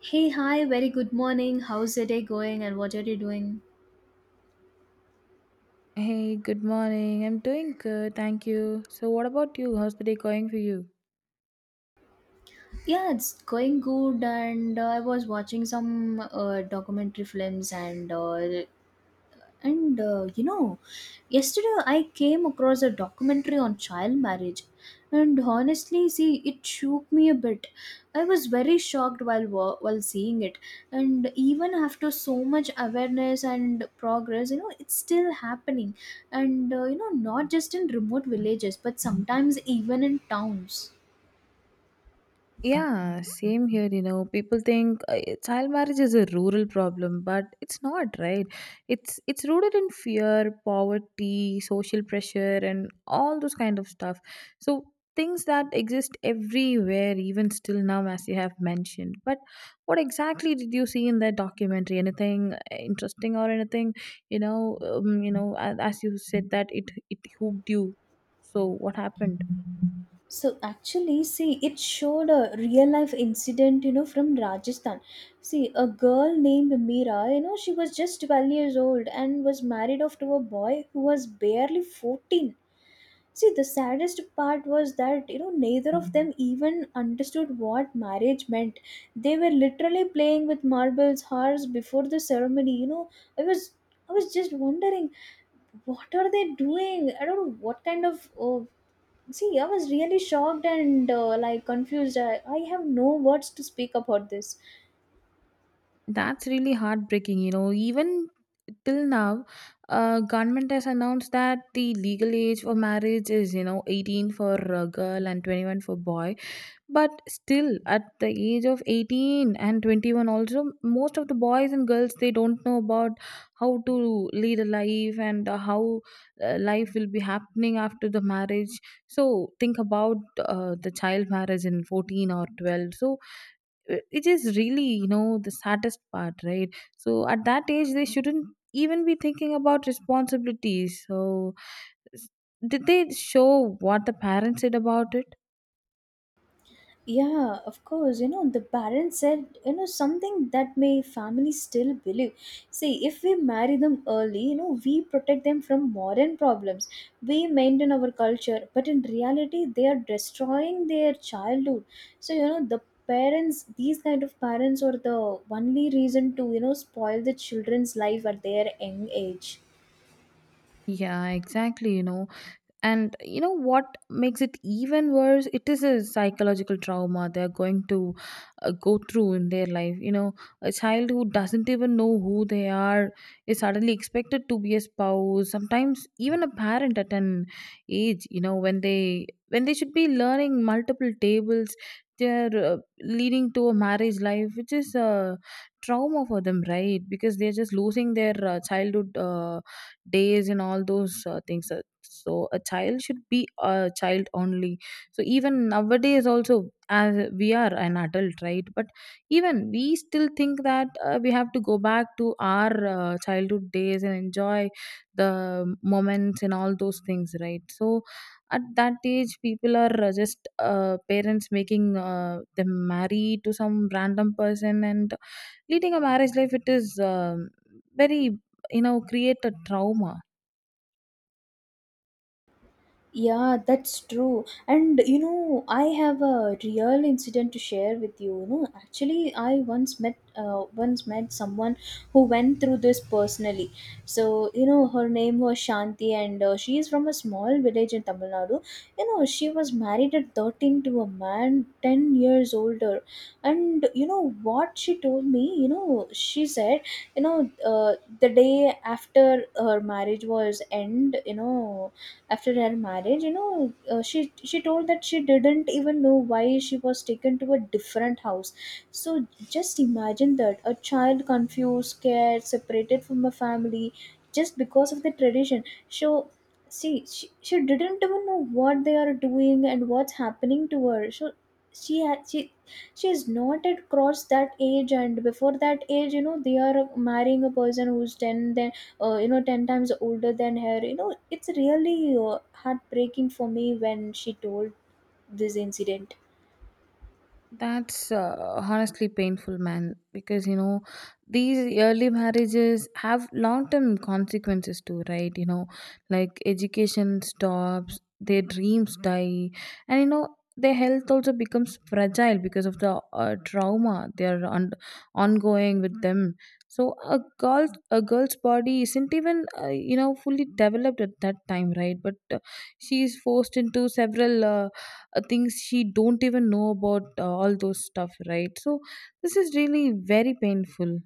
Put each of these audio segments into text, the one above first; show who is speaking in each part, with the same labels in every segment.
Speaker 1: Hey, hi, very good morning. How's the day going and what are you doing?
Speaker 2: Hey, good morning. I'm doing good, thank you. So, what about you? How's the day going for you?
Speaker 1: Yeah, it's going good, and I was watching some documentary films, and And uh, you know, yesterday I came across a documentary on child marriage, and honestly, see, it shook me a bit. I was very shocked while while seeing it, and even after so much awareness and progress, you know, it's still happening, and you know, not just in remote villages, but sometimes even in towns.
Speaker 2: Yeah, same here. You know, people think child marriage is a rural problem, but it's not, right? It's rooted in fear, poverty, social pressure, and all those kind of stuff. So things that exist everywhere, even still now, as you have mentioned. But what exactly did you see in that documentary? Anything interesting or anything? You know, as you said that it hooked you. So what happened?
Speaker 1: So actually, see, it showed a real life incident, you know, from Rajasthan. See, a girl named Meera, you know, she was just 12 years old and was married off to a boy who was barely 14. See, the saddest part was that, you know, neither of them even understood what marriage meant. They were literally playing with marbles hours before the ceremony, you know. I was I was just wondering, what are they doing? I don't know what kind of see, I was really shocked and like confused. I have no words to speak about this.
Speaker 2: That's really heartbreaking. You know, even till now, government has announced that the legal age for marriage is, you know, 18 for a girl and 21 for boy. But still, at the age of 18 and 21, also most of the boys and girls, they don't know about how to lead a life and how life will be happening after the marriage. So think about the child marriage in 14 or 12. So it is really, you know, the saddest part, right? So at that age, they shouldn't even be thinking about responsibilities. So s- did they show what the parents said about it?
Speaker 1: Yeah, of course. You know, the Baron said, you know, something that my family still believe. See, if we marry them early, you know, we protect them from modern problems. We maintain our culture, but in reality, they are destroying their childhood. So, you know, the parents, these kind of parents are the only reason to, you know, spoil the children's life at their young age.
Speaker 2: Yeah, exactly, you know. And you know what makes it even worse, it is a psychological trauma they're going to go through in their life, you know. A child who doesn't even know who they are is suddenly expected to be a spouse, sometimes even a parent, at an age, you know, when they should be learning multiple tables. They're leading to a marriage life which is a trauma for them, right? Because they're just losing their childhood days and all those things. So a child should be a child only. So even nowadays also, as we are an adult, right? But even we still think that we have to go back to our childhood days and enjoy the moments and all those things, right? So at that age, people are just parents making them marry to some random person and leading a marriage life. It is very, you know, create a trauma.
Speaker 1: Yeah, that's true. And you know, I have a real incident to share with you. You know, actually, I once met someone who went through this personally. So you know, her name was Shanti, and she is from a small village in Tamil Nadu. You know, she was married at 13 to a man 10 years older, and you know what she told me. You know, she said, you know, the day after her marriage was end, you know after her marriage you know She told that she didn't even know why she was taken to a different house. So, just imagine that, a child confused, scared, separated from a family, just because of the tradition. So, see, she didn't even know what they are doing and what's happening to her. So she had she is not at cross that age, and before that age, you know, they are marrying a person who's 10, then you know, 10 times older than her. You know, it's really heartbreaking for me when she told this incident.
Speaker 2: That's honestly painful, man, because, you know, these early marriages have long term consequences too, right? You know, like education stops, their dreams die, and, you know, their health also becomes fragile because of the trauma they are ongoing with them. So a girl's body isn't even you know fully developed at that time, right? But she is forced into several. Things she don't even know about, all those stuff, right? So this is really very painful.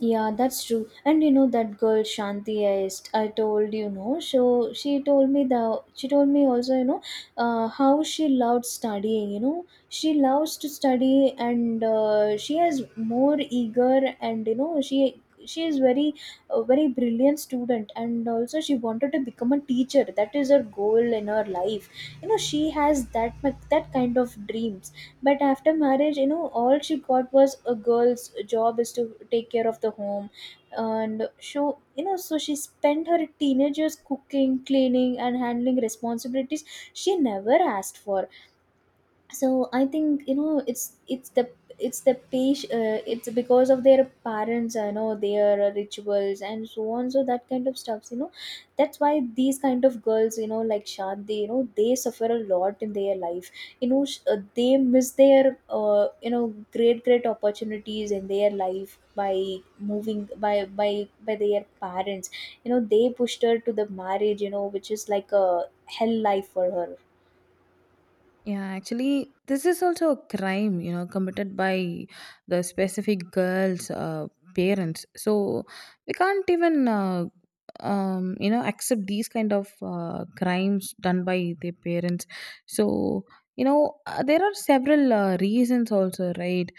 Speaker 1: Yeah, that's true. And you know, that girl Shanti is, I told you know. So she told me also, you know, how she loved studying. You know, she loves to study and she has more eager, and you know, she is very, a very brilliant student, and also she wanted to become a teacher. That is her goal in her life. You know, she has that kind of dream. But after marriage, you know, all she got was, a girl's job is to take care of the home. And so, you know, so she spent her teenagers cooking, cleaning, and handling responsibilities she never asked for. So I think, you know, it's the page, it's because of their parents, you know, their rituals and so on, so that kind of stuffs, you know. That's why these kind of girls, you know, like Shanti, you know, they suffer a lot in their life. You know, they miss their, you know, great opportunities in their life by moving by their parents. You know, they pushed her to the marriage, you know, which is like a hell life for her.
Speaker 2: Yeah, actually, this is also a crime, you know, committed by the specific girl's parents. So we can't even, you know, accept these kind of crimes done by their parents. So, you know, there are several reasons also, right?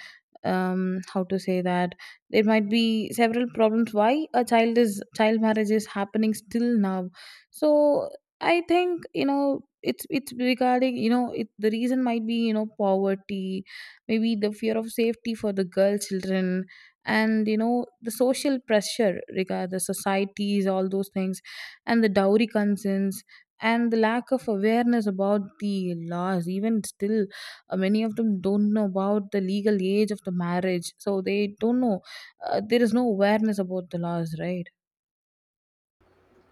Speaker 2: How to say that there might be several problems why a child is child marriage is happening still now. So I think, you know, it's regarding, you know, it the reason might be, you know, poverty, maybe the fear of safety for the girl children, and, you know, the social pressure regard the societies, all those things, and the dowry concerns and the lack of awareness about the laws. Even still, many of them don't know about the legal age of the marriage, so they don't know, there is no awareness about the laws, right?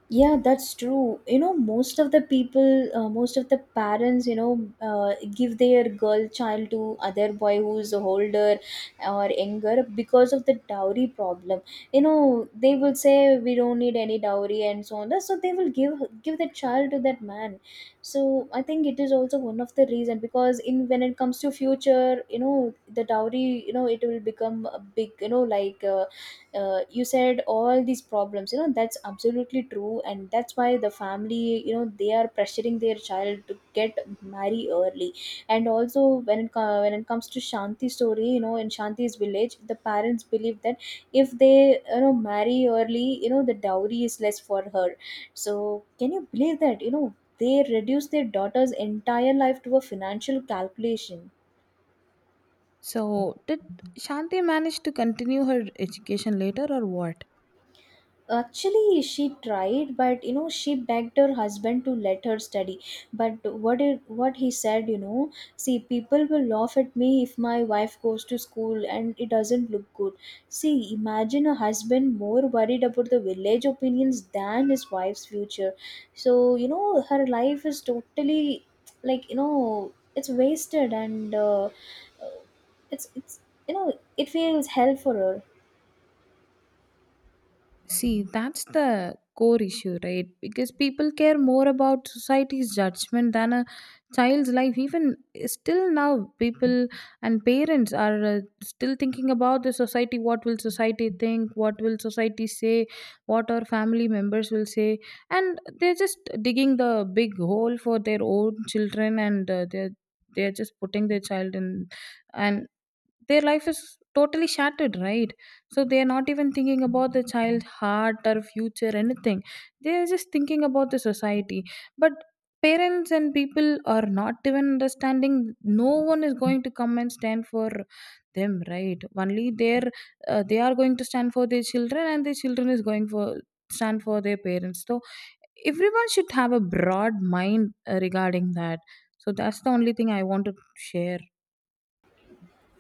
Speaker 1: Yeah, that's true. You know, most of the people, most of the parents, you know, give their girl child to other boy who's older or younger because of the dowry problem. You know, they will say we don't need any dowry and so on. So they will give the child to that man. So I think it is also one of the reason, because in, when it comes to future, you know, the dowry, you know, it will become a big, you know, like. You said all these problems, you know, that's absolutely true, and that's why the family, you know, they are pressuring their child to get marry early. And also, when it comes to Shanti story, you know, in Shanti's village, the parents believe that if they, you know, marry early, you know, the dowry is less for her. So, can you believe that, you know, they reduce their daughter's entire life to a financial calculation.
Speaker 2: So, did Shanti manage to continue her education later or what?
Speaker 1: Actually, she tried, but you know, she begged her husband to let her study. But what he said, you know, see, people will laugh at me if my wife goes to school, and it doesn't look good. See, imagine a husband more worried about the village opinions than his wife's future. So you know, her life is totally, like, you know, it's wasted, and it's you know, it feels hell for her.
Speaker 2: See, that's the core issue, right? Because people care more about society's judgment than a child's life. Even still now, people and parents are still thinking about the society. What will society think? What will society say? What our family members will say? And they're just digging the big hole for their own children, and they're just putting their child in. And their life is totally shattered, right? So they are not even thinking about the child heart or future, anything. They are just thinking about the society. But parents and people are not even understanding, no one is going to come and stand for them, right? Only their, they are going to stand for their children and their children is going for stand for their parents. So everyone should have a broad mind regarding that. So that's the only thing I want to share.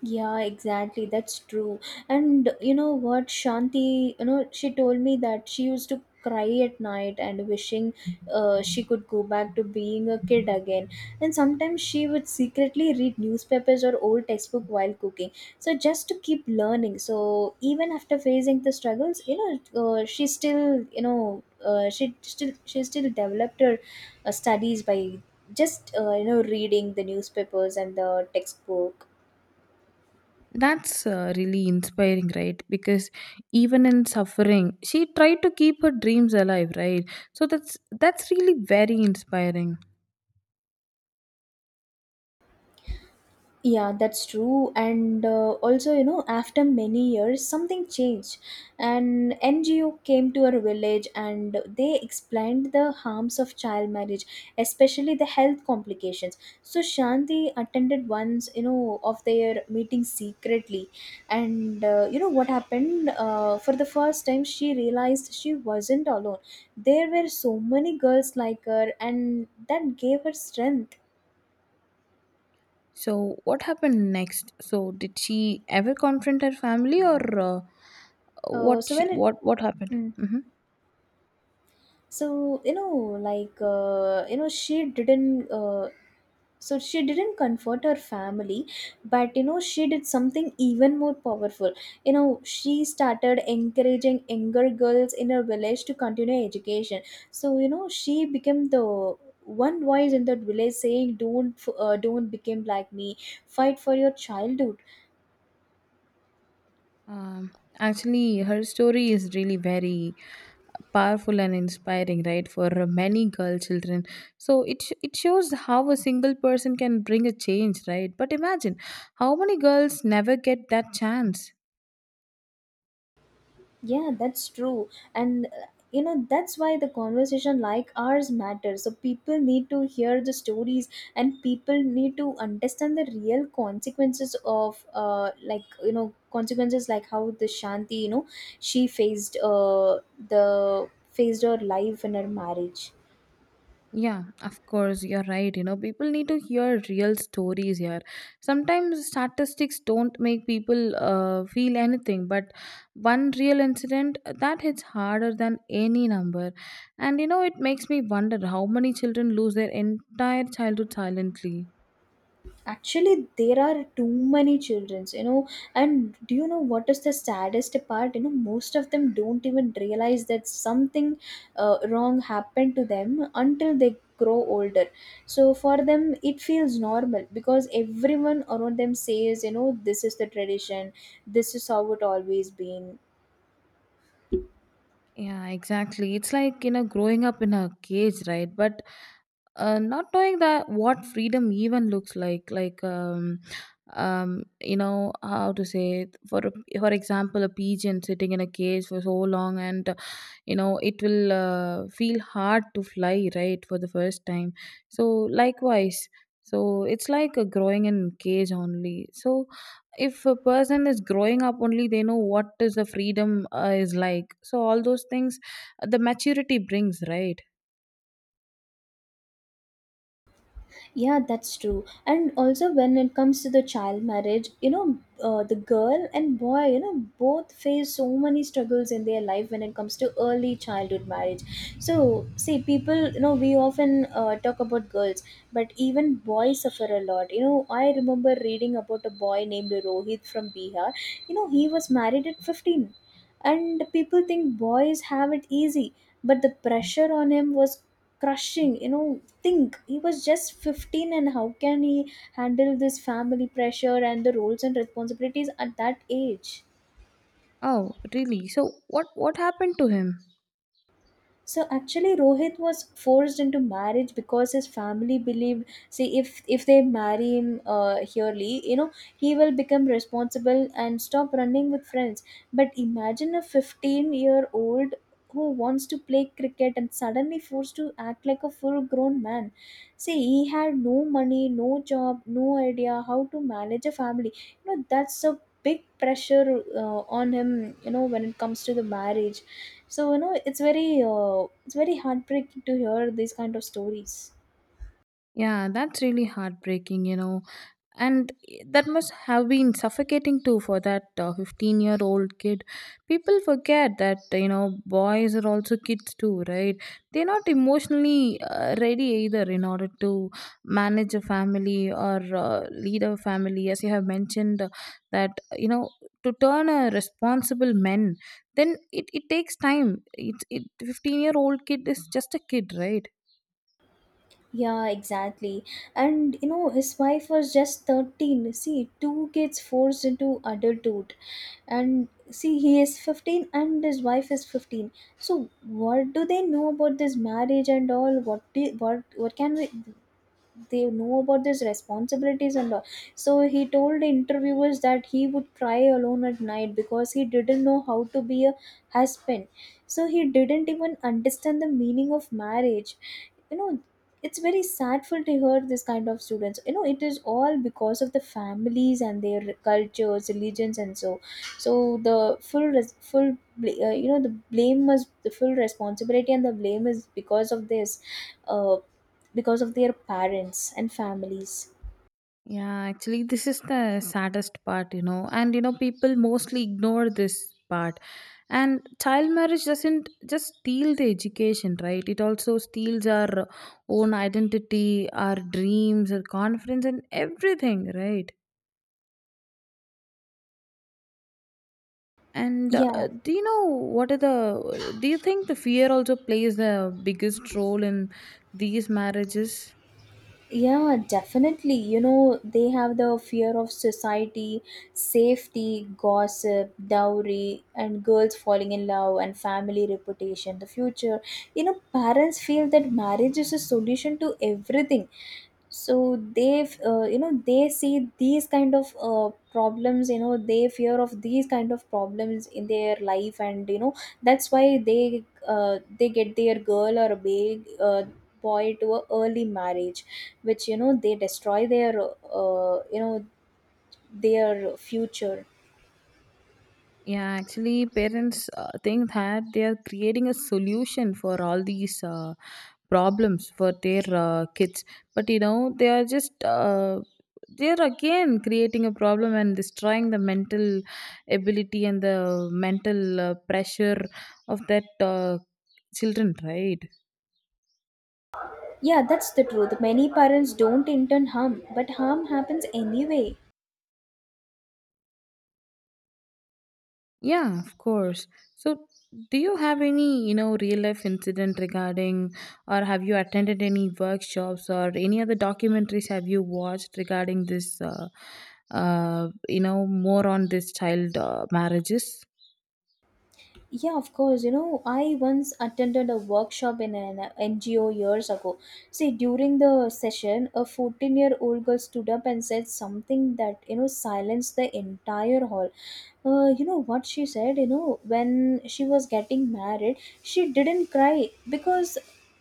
Speaker 1: Yeah, exactly. That's true. And you know what, Shanti, you know, she told me that she used to cry at night and wishing she could go back to being a kid again. And sometimes she would secretly read newspapers or old textbook while cooking. So just to keep learning. So even after facing the struggles, you know, she still, you know, she still developed her studies by just, you know, reading the newspapers and the textbook.
Speaker 2: That's really inspiring, right? Because even in suffering, she tried to keep her dreams alive, right? So that's really very inspiring.
Speaker 1: Yeah, that's true. And also, you know, after many years, something changed. An NGO came to our village and they explained the harms of child marriage, especially the health complications. So, Shanti attended once, you know, of their meeting secretly. And you know what happened? For the first time, she realized she wasn't alone. There were so many girls like her, and that gave her strength.
Speaker 2: So what happened next? So did she ever confront her family, or what?
Speaker 1: So, when it
Speaker 2: What happened?
Speaker 1: mm,
Speaker 2: Hmm.
Speaker 1: so you know like you know she didn't So she didn't comfort her family, but you know, she did something even more powerful. You know, she started encouraging younger girls in her village to continue education. So you know, she became the one voice in that village saying, don't become like me, fight for your childhood.
Speaker 2: Um, Actually, her story is really very powerful and inspiring, right, for many girl children. So it it shows how a single person can bring a change, right? But imagine how many girls never get that chance.
Speaker 1: Yeah, that's true. And you know, that's why the conversation like ours matters. So people need to hear the stories, and people need to understand the real consequences of, uh, like, you know, consequences like how the Shanti, you know, she faced her life in her marriage.
Speaker 2: Yeah, of course, you're right. You know, people need to hear real stories here. Sometimes statistics don't make people feel anything, but one real incident that hits harder than any number. And you know, it makes me wonder how many children lose their entire childhood silently.
Speaker 1: Actually, there are too many childrens, you know. And do you know what is the saddest part? You know, most of them don't even realize that something wrong happened to them until they grow older. So for them it feels normal, because everyone around them says, you know, this is the tradition, this is how it always been.
Speaker 2: Yeah, exactly. It's like, you know, growing up in a cage, right? But not knowing that what freedom even looks like you know, how to say it? For for example, a pigeon sitting in a cage for so long, and you know, it will feel hard to fly, right, for the first time. So likewise, so it's like a growing in cage only. So if a person is growing up only, they know what is the freedom is like. So all those things, the maturity brings, right?
Speaker 1: Yeah, that's true. And also, when it comes to the child marriage, you know, the girl and boy, you know, both face so many struggles in their life when it comes to early childhood marriage. So, see, people, you know, we often talk about girls, but even boys suffer a lot. You know, I remember reading about a boy named Rohit from Bihar. You know, he was married at 15, and people think boys have it easy, but the pressure on him was crushing. You know, think, he was just 15, and how can he handle this family pressure and the roles and responsibilities at that age.
Speaker 2: Oh really? So what happened to him?
Speaker 1: So actually, Rohit was forced into marriage because his family believed, see, if they marry him early, you know, he will become responsible and stop running with friends. But imagine a 15-year-old who wants to play cricket and suddenly forced to act like a full-grown man. See, he had no money, no job, no idea how to manage a family. You know, that's a big pressure on him. You know, when it comes to the marriage, so you know, it's very heartbreaking to hear these kind of stories.
Speaker 2: Yeah, that's really heartbreaking, you know. And that must have been suffocating too for that 15-year-old kid. People forget that, you know, boys are also kids too, right? They're not emotionally ready either in order to manage a family or lead a family. As you have mentioned, that, you know, to turn a responsible men, then it takes time. It 15-year-old kid is just a kid, right?
Speaker 1: Yeah, exactly. And you know, his wife was just 13. See, two kids forced into adulthood. And see, he is 15 and his wife is 15. So what do they know about this marriage and all? What do, what can we they know about these responsibilities and all? So he told the interviewers that he would cry alone at night because he didn't know how to be a husband. So he didn't even understand the meaning of marriage, you know it's very sadful to hear this kind of students. It is all because of the families and their cultures, religions, and so the full res- full bl- you know the blame is the full responsibility, and the blame is because of this, Uh because of their parents and families.
Speaker 2: Yeah, actually, this is the saddest part, you know, and you know, people mostly ignore this part. And child marriage doesn't just steal the education, right? It also steals our own identity, our dreams, our confidence, and everything, right? And
Speaker 1: Yeah,
Speaker 2: do you know what are the? Do you think the fear also plays the biggest role in these marriages?
Speaker 1: Yeah, definitely. They have the fear of society, safety, gossip, dowry, and girls falling in love, and family reputation, the future. Parents feel that marriage is a solution to everything. So they see these kind of problems. They fear of these kind of problems in their life, and that's why they get their girl or a big boy to a early marriage, which they destroy their uh, you know their future.
Speaker 2: Yeah, actually, parents think that they are creating a solution for all these problems for their kids, but, you know, they are just they are again creating a problem and destroying the mental ability and the mental pressure of that children, right?
Speaker 1: Yeah, that's the truth. Many parents don't intend harm, but harm happens anyway.
Speaker 2: Yeah, of course. So, do you have any, you know, real life incident regarding, or have you attended any workshops or any other documentaries have you watched regarding this, you know, more on this child marriages?
Speaker 1: Yeah, of course. I once attended a workshop in an NGO years ago. See, during the session, a 14-year-old year old girl stood up and said something that, silenced the entire hall. What she said? When she was getting married, she didn't cry because,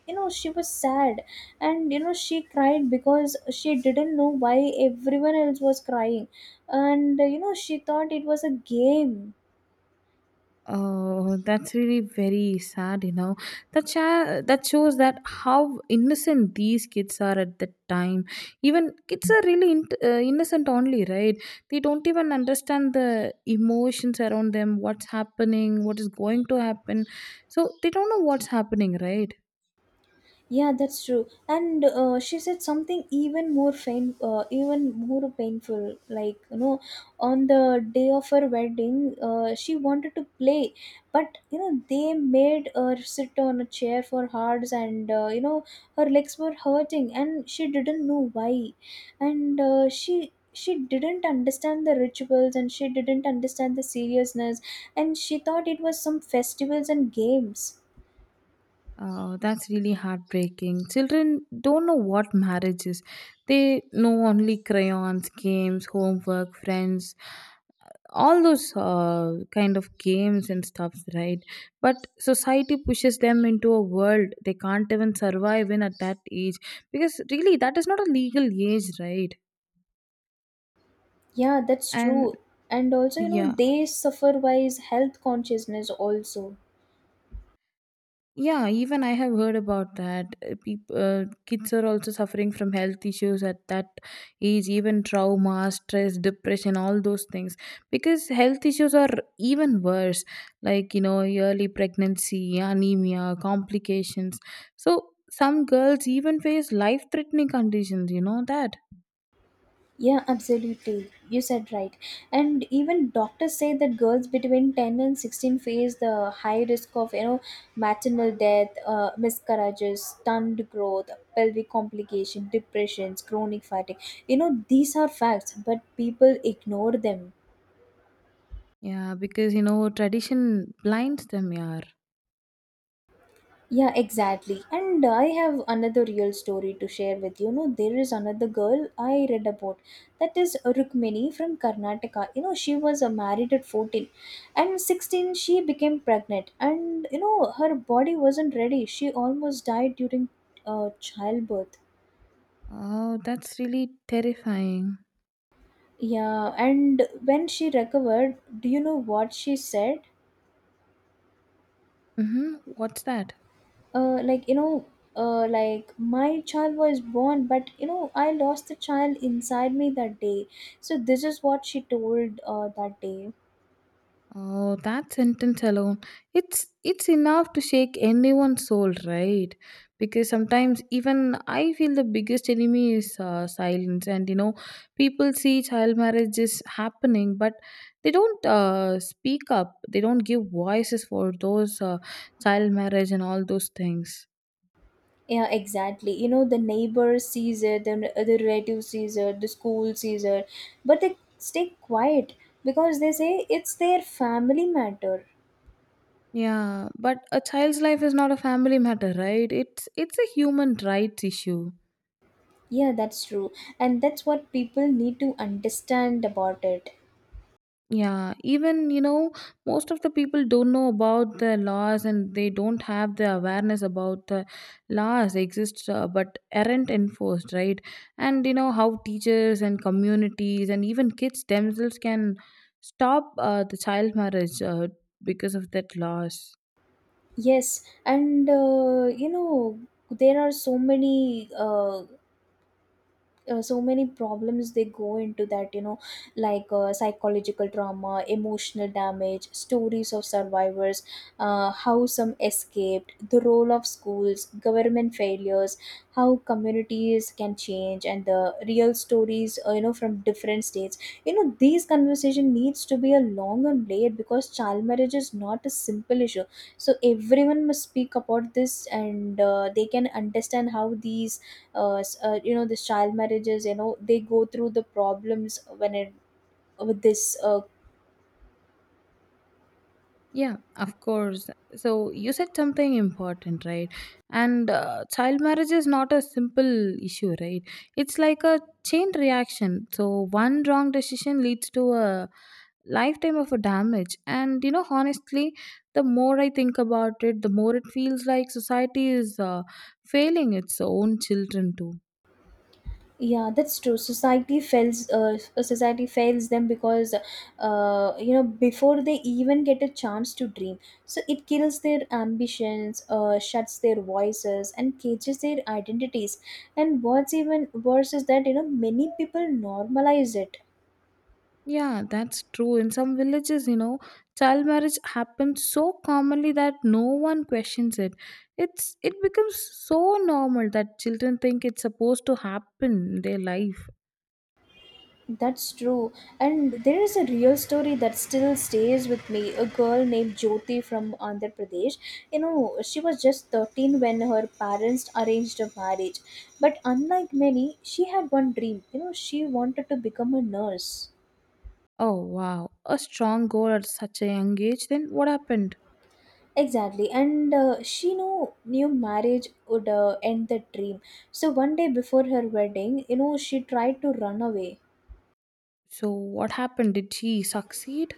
Speaker 1: she was sad. And she cried because she didn't know why everyone else was crying. And she thought it was a game.
Speaker 2: Oh, that's really very sad, you know. That that shows that how innocent these kids are at that time. Even kids are really innocent only, right? They don't even understand the emotions around them, what's happening, what is going to happen. So they don't know what's happening, right?
Speaker 1: Yeah, that's true. And she said something even even more painful. On the day of her wedding, she wanted to play, but they made her sit on a chair for hours, and her legs were hurting, and she didn't know why, and she didn't understand the rituals, and she didn't understand the seriousness, and she thought it was some festivals and games.
Speaker 2: Oh, that's really heartbreaking. Children don't know what marriage is. They know only crayons, games, homework, friends, all those kind of games and stuffs, right? But society pushes them into a world they can't even survive in at that age because really that is not a legal age, right?
Speaker 1: Yeah, that's
Speaker 2: And
Speaker 1: true. And also,
Speaker 2: yeah.
Speaker 1: they suffer wise health consciousness also.
Speaker 2: Yeah, even I have heard about that. People, kids are also suffering from health issues at that age, even trauma, stress, depression, all those things. Because health issues are even worse, like, you know, early pregnancy, anemia, complications. So some girls even face life-threatening conditions. You know that?
Speaker 1: Yeah, absolutely. You said right. And even doctors say that girls between 10 and 16 face the high risk of, maternal death, miscarriages, stunned growth, pelvic complication, depressions, chronic fatigue. These are facts, but people ignore them.
Speaker 2: Yeah, because, you know, tradition blinds them. Yeah.
Speaker 1: Yeah, exactly. And I have another real story to share with you. No, there is another girl I read about. That is Rukmini from Karnataka. She was married at 14, and 16 she became pregnant, and her body wasn't ready. She almost died during childbirth.
Speaker 2: Oh, that's really terrifying.
Speaker 1: Yeah, and when she recovered, do you know what she said?
Speaker 2: Mm-hmm. What's that?
Speaker 1: uh, like you know like, my child was born, but I lost the child inside me that day. So this is what she told that day.
Speaker 2: Oh, that sentence alone, it's enough to shake anyone's soul, right? Because sometimes even I feel the biggest enemy is silence, and you know, people see child marriage is happening, but they don't speak up. They don't give voices for those child marriage and all those things.
Speaker 1: Yeah, exactly. The neighbor sees it, and the relative sees it, the school sees it, but they stay quiet because they say it's their family matter.
Speaker 2: Yeah, but a child's life is not a family matter, right? It's a human rights issue.
Speaker 1: Yeah, that's true, and that's what people need to understand about it.
Speaker 2: Yeah, even you know, most of the people don't know about the laws and they don't have the awareness about the laws exist, but aren't enforced, right? And you know how teachers and communities and even kids themselves can stop the child marriage because of that laws.
Speaker 1: Yes, and there are so many problems they go into that, like psychological trauma, emotional damage, stories of survivors, how some escaped, the role of schools, government failures, how communities can change, and the real stories, from different states. These conversation needs to be a long and layered because child marriage is not a simple issue. So everyone must speak about this, and they can understand how these this child marriages, they go through the problems when it with this
Speaker 2: Yeah, of course. So you said something important, right? And child marriage is not a simple issue, right? It's like a chain reaction. So one wrong decision leads to a lifetime of a damage. And you know, honestly, the more I think about it, the more it feels like society is failing its own children too.
Speaker 1: yeah that's true. Society fails them because, before they even get a chance to dream, so it kills their ambitions, shuts their voices, and cages their identities. And what's even worse is that many people normalize it.
Speaker 2: Yeah, that's true. In some villages, you know, child marriage happens so commonly that no one questions it. It becomes so normal that children think it's supposed to happen in their life.
Speaker 1: That's true. And there is a real story that still stays with me. A girl named Jyoti from Andhra Pradesh. She was just 13 when her parents arranged a marriage. But unlike many, she had one dream. She wanted to become a nurse.
Speaker 2: Oh wow, a strong goal at such a young age. Then what happened?
Speaker 1: Exactly. And she knew marriage would end the dream. So one day before her wedding, she tried to run away.
Speaker 2: So what happened? Did she succeed?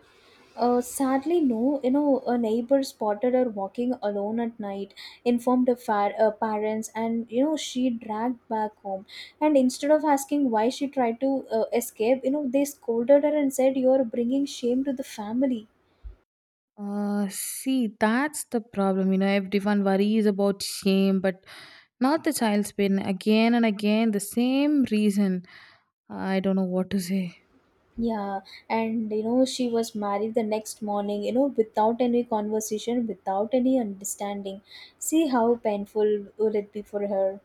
Speaker 1: Sadly, no. A neighbor spotted her walking alone at night, informed her parents, and she dragged back home. And instead of asking why she tried to escape, they scolded her and said, "You're bringing shame to the family."
Speaker 2: See, that's the problem. You know, everyone worries about shame, but not the child's pain. Again and again, the same reason. I don't know what to say.
Speaker 1: Yeah, and she was married the next morning, without any conversation, without any understanding. See how painful will it be for her.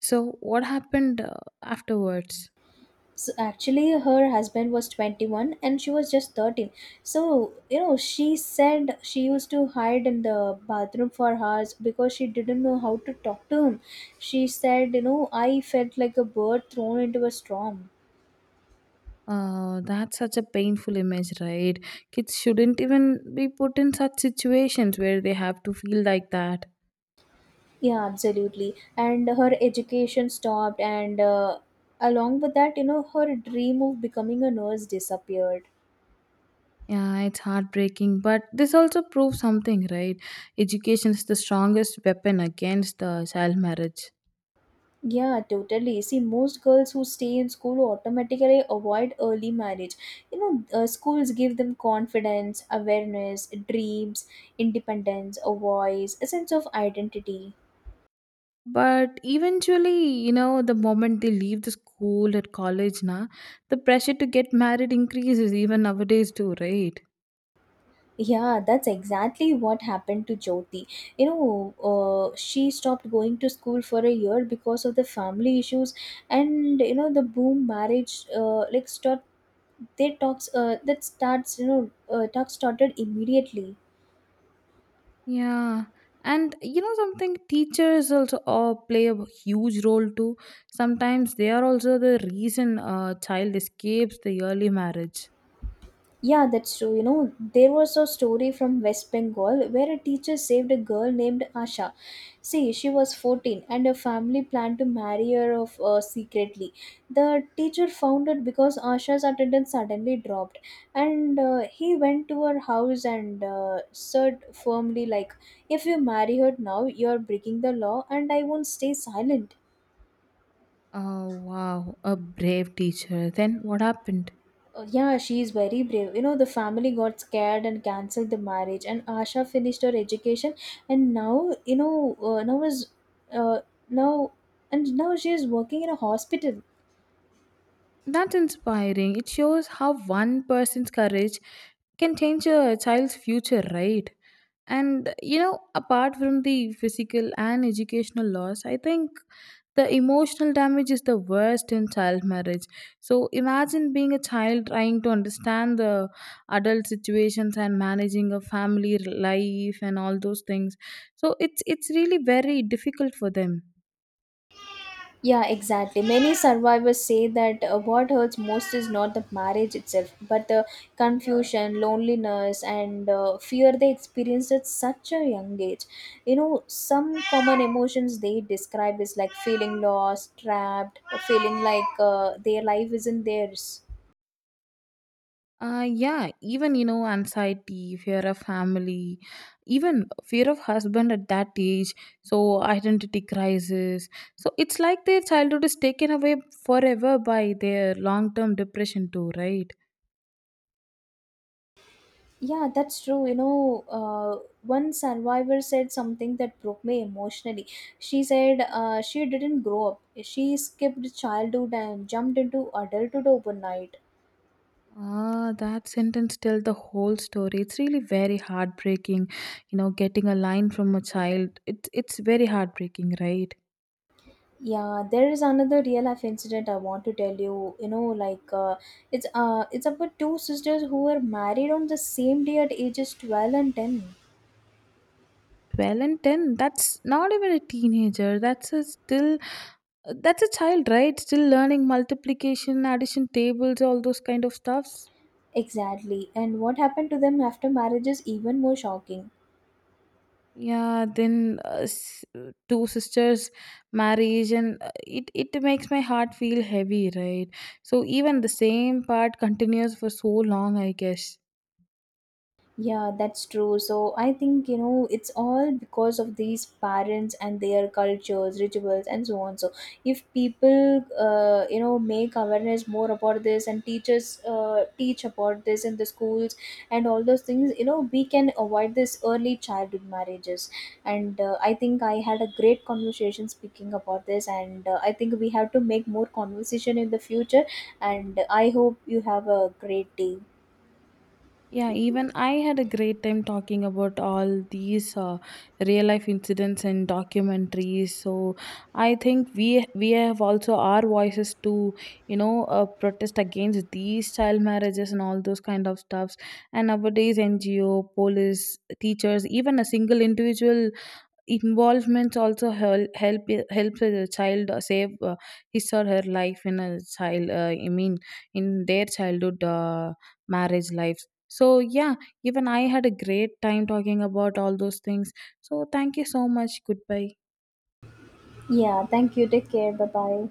Speaker 2: So what happened afterwards?
Speaker 1: So actually, her husband was 21 and she was just 13. So, she said she used to hide in the bathroom for hours because she didn't know how to talk to him. She said, I felt like a bird thrown into a storm.
Speaker 2: That's such a painful image, right? Kids shouldn't even be put in such situations where they have to feel like that.
Speaker 1: Yeah, absolutely. And her education stopped, and along with that, her dream of becoming a nurse disappeared.
Speaker 2: Yeah, it's heartbreaking, but this also proves something, right? Education is the strongest weapon against child marriage.
Speaker 1: Yeah, totally. See, most girls who stay in school automatically avoid early marriage. Schools give them confidence, awareness, dreams, independence, a voice, a sense of identity.
Speaker 2: But eventually, you know, the moment they leave the school at college, na, the pressure to get married increases even nowadays too, right?
Speaker 1: Yeah, that's exactly what happened to Jyoti. She stopped going to school for a year because of the family issues, and the boom marriage, that starts, talks started immediately.
Speaker 2: Yeah, and you know something, teachers also play a huge role too. Sometimes they are also the reason a child escapes the early marriage.
Speaker 1: Yeah, that's true. There was a story from West Bengal where a teacher saved a girl named Asha. See, she was 14 and her family planned to marry her of, secretly. The teacher found it because Asha's attendance suddenly dropped, and he went to her house and said firmly like, if you marry her now, you're breaking the law, and I won't stay silent.
Speaker 2: Oh wow, a brave teacher. Then what happened?
Speaker 1: Yeah, she is very brave. The family got scared and cancelled the marriage, and Asha finished her education, and now you know now is uh, now and now she is working in a hospital.
Speaker 2: That's inspiring. It shows how one person's courage can change a child's future, right? And you know, apart from the physical and educational loss, I think the emotional damage is the worst in child marriage. So imagine being a child trying to understand the adult situations and managing a family life and all those things. So it's really very difficult for them.
Speaker 1: Yeah, exactly. Many survivors say that, what hurts most is not the marriage itself, but the confusion, loneliness, and fear they experienced at such a young age. Some common emotions they describe is like feeling lost, trapped, feeling like their life isn't theirs.
Speaker 2: Yeah, even you know, anxiety, fear of family, even fear of husband at that age, so identity crisis. So it's like their childhood is taken away forever by their long term depression, too, right?
Speaker 1: Yeah, that's true. One survivor said something that broke me emotionally. She said she didn't grow up. She skipped childhood and jumped into adulthood overnight.
Speaker 2: Ah, that sentence tells the whole story. It's really very heartbreaking, you know, getting a line from a child. It's very heartbreaking, right?
Speaker 1: Yeah, there is another real life incident I want to tell you. You know, like it's about two sisters who were married on the same day at ages 12 and 10.
Speaker 2: 12 and 10, that's not even a teenager, that's a still, that's a child, right, still learning multiplication addition tables all those kind of stuffs.
Speaker 1: Exactly. And what happened to them after marriage is even more shocking.
Speaker 2: Yeah, then uh, s- two sisters marriage and it makes my heart feel heavy, right? So even the same part continues for so long, I guess.
Speaker 1: Yeah, that's true. So I think, it's all because of these parents and their cultures, rituals, and so on. So if people, make awareness more about this, and teachers teach about this in the schools and all those things, we can avoid this early childhood marriages. And I think I had a great conversation speaking about this, and I think we have to make more conversation in the future. And I hope you have a great day.
Speaker 2: Yeah, even I had a great time talking about all these real life incidents and documentaries. So I think we have also our voices to protest against these child marriages and all those kind of stuffs. And nowadays, NGO, police, teachers, even a single individual involvements also helps the child save his or her life in a child in their childhood marriage lives, so yeah, even I had a great time talking about all those things, so thank you so much. Goodbye.
Speaker 1: Yeah, thank you. Take care. Bye bye.